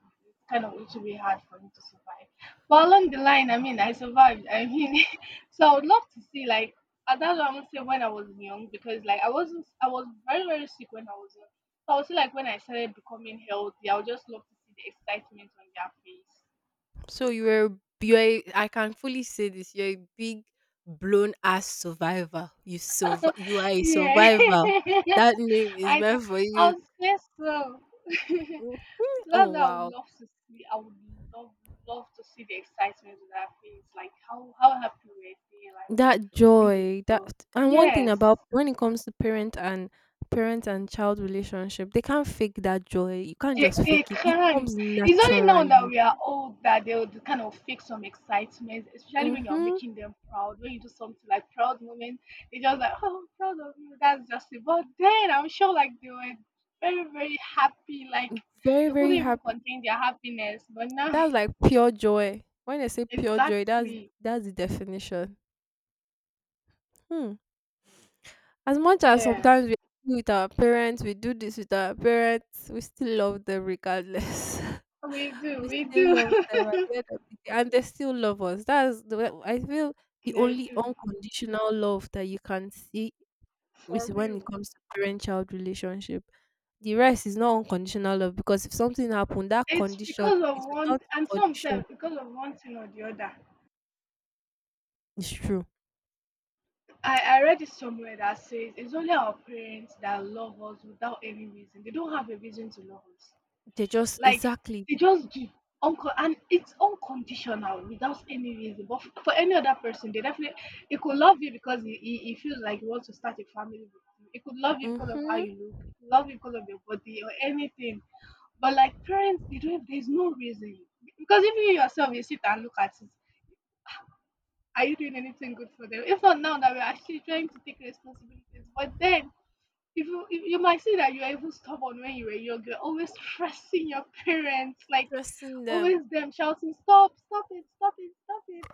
Speaker 1: kind of it will be hard for me to survive, but along the line, I mean, I survived, I mean. <laughs> So I would love to see like, and that's what I'm gonna say, when I was young, because like I wasn't I was very, very sick when I was young. So I would say like when I started becoming healthy, I would just love to see the excitement on
Speaker 2: So you're a, I can fully say this. You're a big blown ass survivor. You
Speaker 1: their
Speaker 2: You are
Speaker 1: face.
Speaker 2: a
Speaker 1: Yeah.
Speaker 2: survivor. That name
Speaker 1: <laughs>
Speaker 2: is
Speaker 1: I
Speaker 2: meant for
Speaker 1: I
Speaker 2: you.
Speaker 1: would say so. <laughs> So
Speaker 2: Mhm.
Speaker 1: that's
Speaker 2: Oh
Speaker 1: what I would
Speaker 2: wow.
Speaker 1: love to see. I would love love to see the excitement on their face. Like how happy were they, like
Speaker 2: That
Speaker 1: when they
Speaker 2: joy, that
Speaker 1: saw.
Speaker 2: and one thing
Speaker 1: Yes.
Speaker 2: about when it comes to parent and child relationship, they can't fake that joy. You can't
Speaker 1: They,
Speaker 2: just
Speaker 1: they
Speaker 2: fake it. It
Speaker 1: can't.
Speaker 2: comes
Speaker 1: It's only now that
Speaker 2: naturally.
Speaker 1: we are old that they'll kind of fake some excitement, especially when you're
Speaker 2: Mm-hmm.
Speaker 1: making them proud. When you do something like proud moment, they just like, oh, I'm proud of you. That's just it. But then I'm sure like they were very, very happy. Like
Speaker 2: Very,
Speaker 1: they
Speaker 2: very
Speaker 1: couldn't even
Speaker 2: happy.
Speaker 1: contain their happiness. But now,
Speaker 2: That's like pure joy. When I say
Speaker 1: <laughs>
Speaker 2: pure joy, that's
Speaker 1: exactly.
Speaker 2: that's the definition. Hmm. As much as
Speaker 1: Yeah,
Speaker 2: sometimes we do with our parents, we do this with our parents, we still love them regardless. <laughs>
Speaker 1: we do.
Speaker 2: We
Speaker 1: We
Speaker 2: still
Speaker 1: do.
Speaker 2: love them at
Speaker 1: <laughs>
Speaker 2: the end of the day, and they still love us. That's the way I feel the
Speaker 1: They
Speaker 2: only
Speaker 1: do.
Speaker 2: unconditional love that you can see is
Speaker 1: For
Speaker 2: when it
Speaker 1: real.
Speaker 2: comes to parent child relationship. The rest is not unconditional love because if something happened, that
Speaker 1: It's
Speaker 2: condition
Speaker 1: because of
Speaker 2: is
Speaker 1: one,
Speaker 2: without
Speaker 1: and some
Speaker 2: condition.
Speaker 1: say because of one thing or the other.
Speaker 2: It's true.
Speaker 1: I read it somewhere that says it's only our parents that love us without any reason. They don't have a reason to love us.
Speaker 2: They just
Speaker 1: Like
Speaker 2: exactly.
Speaker 1: they just do, and it's unconditional without any reason. But for any other person, they definitely it could love you because he feels like he wants to start a family with you. It could love you because of how
Speaker 2: Mm-hmm,
Speaker 1: you look. It could love you because of your body or anything. But like parents, they don't. There's no reason, because even you yourself, you sit and look at it, are you doing anything good for them? If not now that we're actually trying to take responsibilities, but then if you might say that you are even stubborn when you were young, you're always stressing your parents, like
Speaker 2: trusting them.
Speaker 1: always them shouting, stop, stop it, stop it, stop it.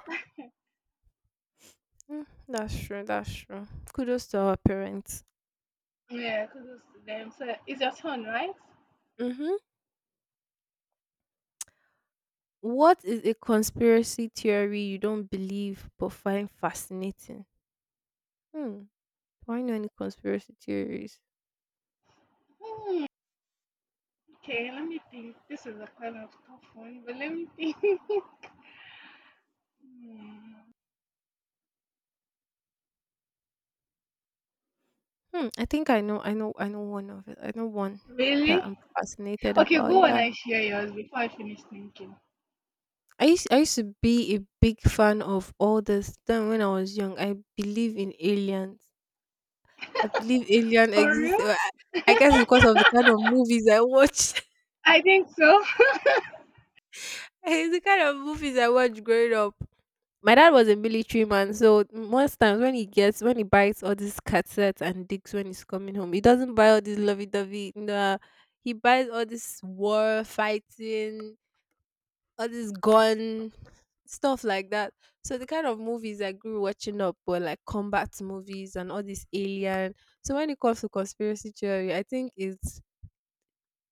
Speaker 2: Mm, that's true. That's true. Kudos to our parents.
Speaker 1: Yeah, because it's them. So it's your turn, right?
Speaker 2: Mm-hmm. What is a conspiracy theory you don't believe but find fascinating? Hmm. Do I know any conspiracy theories?
Speaker 1: Hmm. Okay, let me think. This is a kind of tough one, but let me think. <laughs> Hmm,
Speaker 2: Hmm. I think I know. I know. I know one of it. I know one
Speaker 1: really?
Speaker 2: that I'm fascinated
Speaker 1: Okay,
Speaker 2: about.
Speaker 1: go on
Speaker 2: Yeah.
Speaker 1: and share yours before I finish thinking.
Speaker 2: I used to be a big fan of all this. Then when I was young, I believe in aliens. I believe alien
Speaker 1: For
Speaker 2: exists.
Speaker 1: real?
Speaker 2: Well, I guess because of the kind of movies I watched. <laughs>
Speaker 1: I think so. <laughs>
Speaker 2: It's the kind of movies I watched growing up. My dad was a military man, so most times when he gets when he buys all these cassettes and discs when he's coming home, he doesn't buy all this lovey dovey. Nah, he buys all this war fighting, all this gun stuff like that. So the kind of movies I grew watching up were like combat movies and all this alien. So when it comes to conspiracy theory, I think it's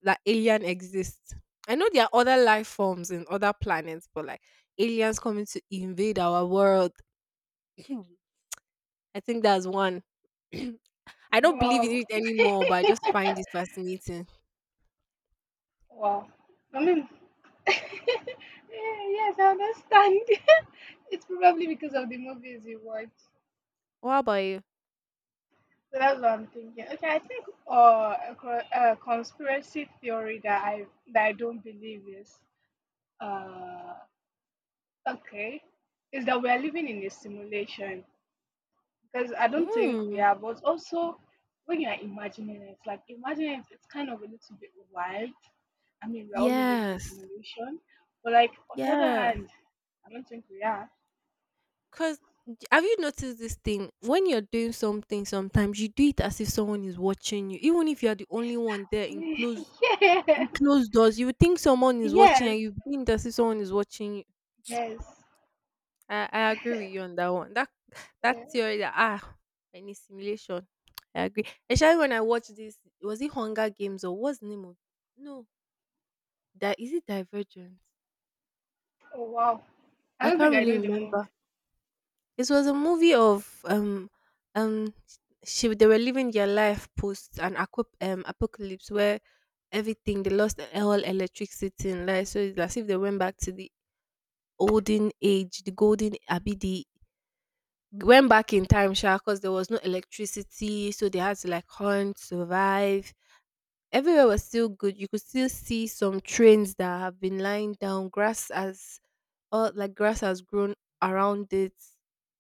Speaker 2: that alien exists. I know there are other life forms in other planets, but like aliens coming to invade our world, I think that's one. <clears throat> I don't believe in
Speaker 1: Wow.
Speaker 2: it anymore, but I just find it fascinating.
Speaker 1: Wow. I mean, <laughs> yeah, yes, I understand. <laughs> It's probably because of the movies you watch.
Speaker 2: What about you?
Speaker 1: So that's what I'm thinking. Okay, I think a conspiracy theory that I don't believe is uh okay is that we're living in a simulation, because I don't think we
Speaker 2: Mm.
Speaker 1: are. But also, when you are imagining it, like imagining it, it's kind of a little bit wild. I mean, we're all living in a
Speaker 2: Yes.
Speaker 1: simulation, but like on the other
Speaker 2: Yes.
Speaker 1: hand, I don't think we are.
Speaker 2: Because have you noticed this thing? When you're doing something, sometimes you do it as if someone is watching you, even if you're the only one there
Speaker 1: <laughs>
Speaker 2: in
Speaker 1: Yes,
Speaker 2: closed doors. You would think someone is watching,
Speaker 1: yes,
Speaker 2: and you think as if someone is watching you.
Speaker 1: yes.
Speaker 2: I agree with you
Speaker 1: <laughs>
Speaker 2: on that one. That <laughs> that
Speaker 1: Yeah.
Speaker 2: theory that any simulation. I agree. Especially when I watched this, was it Hunger Games or what's the name of, no, that is it Divergent?
Speaker 1: Oh, wow! I
Speaker 2: I
Speaker 1: don't
Speaker 2: can't
Speaker 1: think I
Speaker 2: really
Speaker 1: know the
Speaker 2: remember.
Speaker 1: movie.
Speaker 2: It was a movie of um she they were living their life post an apocalypse where everything they lost all electricity and light, so it's as if they went back to the olden age, the golden abidi, went back in time sha because there was no electricity, so they had to like hunt survive. Everywhere was still good, you could still see some trains that have been lying down, grass has all like grass has grown around it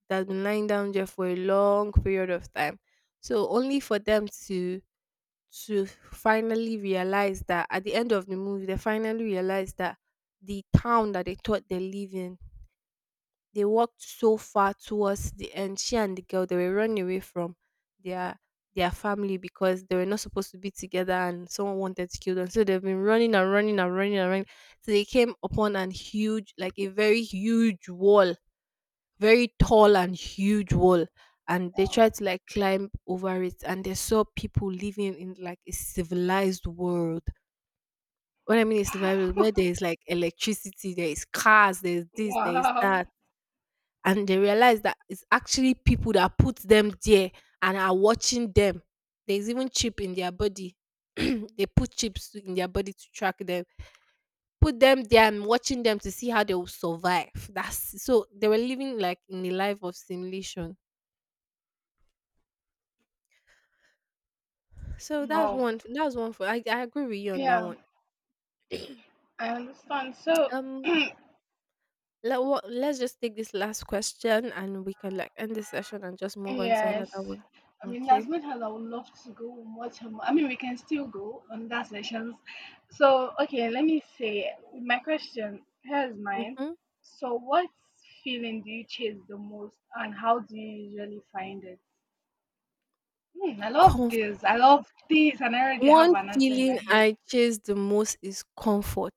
Speaker 2: that's been lying down there for a long period of time. So only for them to finally realize that at the end of the movie they finally realize that the town that they thought they live in, they walked so far towards the end. She and the girl they were running away from their their family because they were not supposed to be together and someone wanted to kill them. So they've been running and running and running and running. So they came upon an huge, like a very huge wall, very tall and huge wall. And they
Speaker 1: Wow!
Speaker 2: tried to like climb over it and they saw people living in like a civilized world. What I mean is civilized
Speaker 1: <laughs>
Speaker 2: where there
Speaker 1: Wow!
Speaker 2: is like electricity, there is cars, there's this, there is
Speaker 1: Wow!
Speaker 2: that, and they realize that it's actually people that put them there and are watching them. There's even chip in their body. <clears throat> They put chips in their body to track them. Put them there and watching them to see how they will survive. That's so they were living like in a life of simulation. So that's
Speaker 1: Wow!
Speaker 2: one. That's one for. I agree with you on that
Speaker 1: Yeah,
Speaker 2: one.
Speaker 1: I understand. So,
Speaker 2: Um, let what, let's just take this last question and we can like end the session and just move on to another
Speaker 1: yes.
Speaker 2: one.
Speaker 1: I mean, as
Speaker 2: Okay.
Speaker 1: much as I would love to go and watch her, I mean, we can still go on that sessions. So, okay, let me say my question. Here's mine. So, what feeling do you chase the most, and how do you usually find it? Hmm, I love
Speaker 2: Mhm.
Speaker 1: this. I love this, and I already have
Speaker 2: One
Speaker 1: an answer in my
Speaker 2: feeling
Speaker 1: head.
Speaker 2: I chase the most is comfort.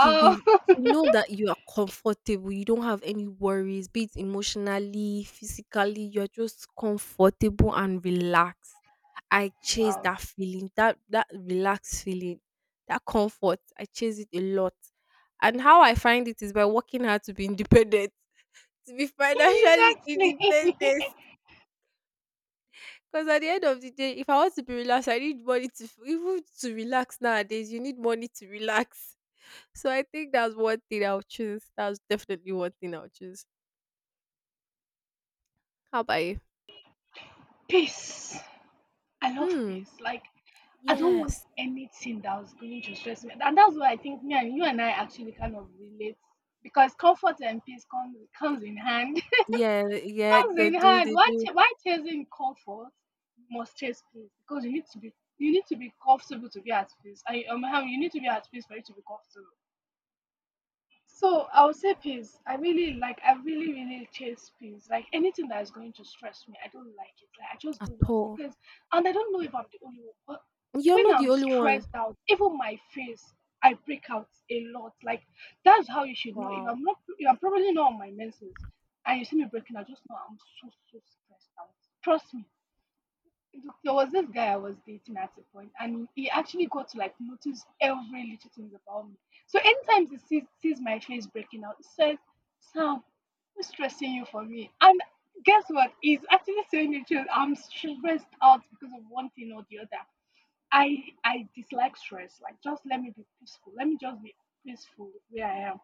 Speaker 2: To be to
Speaker 1: <laughs>
Speaker 2: know that you are comfortable, you don't have any worries, be it emotionally, physically, you're just comfortable and relaxed. I chase
Speaker 1: Wow.
Speaker 2: that feeling, that relaxed feeling, that comfort. I chase it a lot. And how I find it is by working hard to be independent, to be
Speaker 1: <laughs>
Speaker 2: financially <laughs>
Speaker 1: Exactly.
Speaker 2: independent. Because at the end of the day, if I want to be relaxed, I need money to even to relax nowadays. You need money to relax. <laughs> So I think that's one thing I'll choose. That's definitely one thing I'll choose. How about you?
Speaker 1: <laughs> Peace. I love
Speaker 2: Hmm.
Speaker 1: peace. Like I don't want
Speaker 2: Yes.
Speaker 1: anything that was going to stress me. And that's why I think me and you and I actually kind of relate, because comfort and peace comes in hand.
Speaker 2: Yeah.
Speaker 1: <laughs>
Speaker 2: Yeah.
Speaker 1: Comes
Speaker 2: They
Speaker 1: in
Speaker 2: do.
Speaker 1: hand.
Speaker 2: They
Speaker 1: Why
Speaker 2: do
Speaker 1: ch- why chasing comfort you must chase peace? Because you need to be comfortable to be at peace. I You need to be at peace for you to be comfortable. So I would say peace. I really like. I really, really chase peace. Like anything that is going to stress me, I don't like it. Like I just
Speaker 2: at
Speaker 1: don't want
Speaker 2: all.
Speaker 1: because, and I don't know if I'm the only one, but
Speaker 2: You're
Speaker 1: when
Speaker 2: not the
Speaker 1: I'm
Speaker 2: only one.
Speaker 1: stressed out, even my face, I break out a lot. Like that's how you should know. If
Speaker 2: Wow.
Speaker 1: I'm not, if I'm probably not on my menses, and you see me breaking out, just know I'm so so stressed out. Trust me, there was this guy I was dating at a point, and he actually got to like notice every little things about me. So anytime he sees my face breaking out, he says, "Sam, who's stressing you for me?" And guess what? He's actually saying the truth. I'm stressed out because of one thing or the other. I I dislike stress. Like, just let me be peaceful. Let me just be peaceful where I am.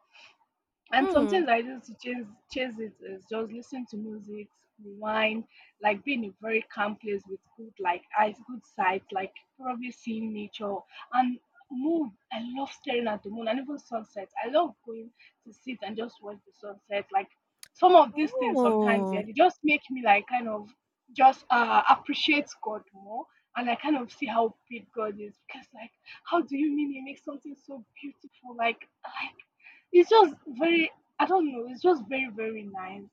Speaker 1: And
Speaker 2: Hmm.
Speaker 1: sometimes I do to chase it is just listen to music, rewind, like being in a very calm place with good like eyes, good sight, like probably seeing nature and moon. I love staring at the moon and even sunsets. I love going to sit and just watch the sunset. Like some of these things sometimes, yeah,
Speaker 2: Oh.
Speaker 1: they just make me like kind of just appreciate God more. And I kind of see how big God is, because, like, how do you mean He makes something so beautiful? Like, it's just very, I don't know, it's just very, very nice.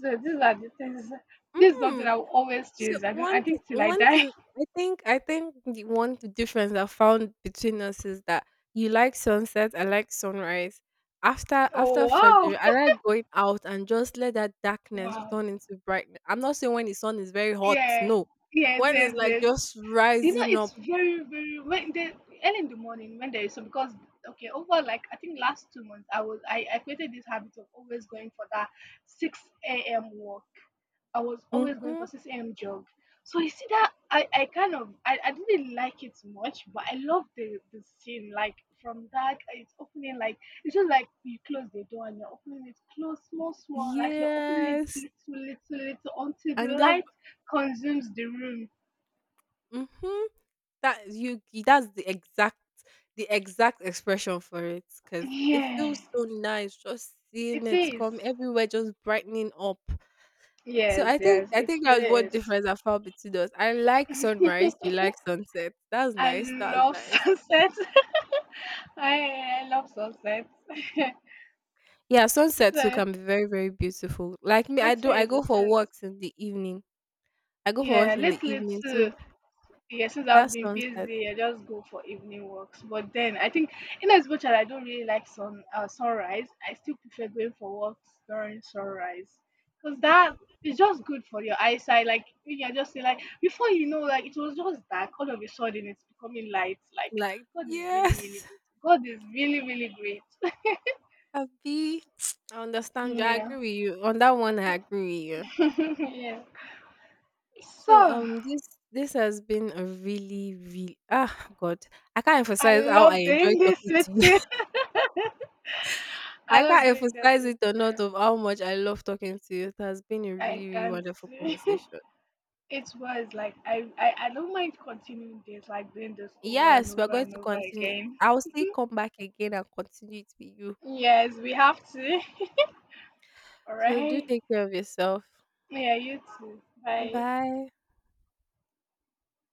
Speaker 1: So these are the things, this is
Speaker 2: Hmm.
Speaker 1: something I will always
Speaker 2: So
Speaker 1: chase. I think, I think till I
Speaker 2: one
Speaker 1: die.
Speaker 2: thing
Speaker 1: <laughs>
Speaker 2: I think the one difference I found between us is that you like sunset, I like sunrise. After after
Speaker 1: Oh, wow.
Speaker 2: Fajr, I like going out and just let that darkness
Speaker 1: Wow.
Speaker 2: turn into brightness. I'm not saying when the sun is very hot,
Speaker 1: Yeah.
Speaker 2: no.
Speaker 1: Yes,
Speaker 2: When it's
Speaker 1: yes,
Speaker 2: like
Speaker 1: yes.
Speaker 2: just
Speaker 1: You know,
Speaker 2: rising
Speaker 1: it's
Speaker 2: up.
Speaker 1: very, very when the early in the morning when there is so, because okay, over like I think last 2 months I created this habit of always going for that 6 a.m. walk. I was always going
Speaker 2: Hmm.
Speaker 1: for 6 a.m. jog. So you see that I kind of I didn't like it much, but I love the scene. Like from that it's opening like it's just like you close the door and you're opening it close, small, small, like you're opening it
Speaker 2: Yes.
Speaker 1: little, little, little until the
Speaker 2: And that
Speaker 1: light consumes the room.
Speaker 2: hmm that you that's the exact expression for it because it
Speaker 1: Yeah.
Speaker 2: feels so nice just seeing
Speaker 1: It
Speaker 2: it
Speaker 1: is.
Speaker 2: come everywhere just brightening up. So
Speaker 1: Yes,
Speaker 2: I think
Speaker 1: yes,
Speaker 2: I
Speaker 1: it
Speaker 2: think
Speaker 1: really
Speaker 2: that's what
Speaker 1: is.
Speaker 2: difference I found between us. I like sunrise, you like sunset. That's
Speaker 1: I
Speaker 2: nice. That's
Speaker 1: love <laughs>
Speaker 2: nice.
Speaker 1: sunset. I love sunset. <laughs>
Speaker 2: Yeah, sunset too
Speaker 1: So
Speaker 2: can be very, very beautiful. Like me, I
Speaker 1: it
Speaker 2: do I
Speaker 1: is,
Speaker 2: go
Speaker 1: it
Speaker 2: for
Speaker 1: is.
Speaker 2: walks in the evening. I go for
Speaker 1: Yeah,
Speaker 2: walk in the
Speaker 1: little
Speaker 2: evening too.
Speaker 1: too. Yeah, since
Speaker 2: That
Speaker 1: I've been
Speaker 2: sunset.
Speaker 1: busy, I just go for evening walks. But then I think, in as much as I don't really like sunrise, I still prefer going for walks during sunrise, because that is just good for your eyesight. Like you can just see, like before you know, like it was just dark. All of a sudden, it's becoming light. Like
Speaker 2: Like,
Speaker 1: God is really, really
Speaker 2: yes,
Speaker 1: good. God is really, really great. <laughs>
Speaker 2: <laughs> I be <tsk> I understand you. I
Speaker 1: Yeah,
Speaker 2: agree with you. On that one, I agree with you.
Speaker 1: <laughs> yeah.
Speaker 2: So
Speaker 1: So
Speaker 2: this has been a really really god, I can't
Speaker 1: I
Speaker 2: emphasize how I
Speaker 1: love
Speaker 2: enjoy
Speaker 1: doing this
Speaker 2: talking
Speaker 1: with
Speaker 2: to you.
Speaker 1: you.
Speaker 2: <laughs>
Speaker 1: <laughs> I
Speaker 2: I can't
Speaker 1: love doing this
Speaker 2: emphasize
Speaker 1: with
Speaker 2: it enough
Speaker 1: you.
Speaker 2: of how much I love talking to you. It has been a
Speaker 1: I
Speaker 2: really really
Speaker 1: can't.
Speaker 2: wonderful
Speaker 1: <laughs>
Speaker 2: conversation.
Speaker 1: It was like I don't mind continuing this, like doing this over and
Speaker 2: Yes, we're
Speaker 1: over
Speaker 2: going
Speaker 1: and
Speaker 2: to
Speaker 1: over
Speaker 2: continue.
Speaker 1: again.
Speaker 2: I'll still come back again and continue it with you.
Speaker 1: Yes, we have to. <laughs> All
Speaker 2: So do
Speaker 1: right.
Speaker 2: take care of yourself.
Speaker 1: Yeah, you too. Bye.
Speaker 2: Bye.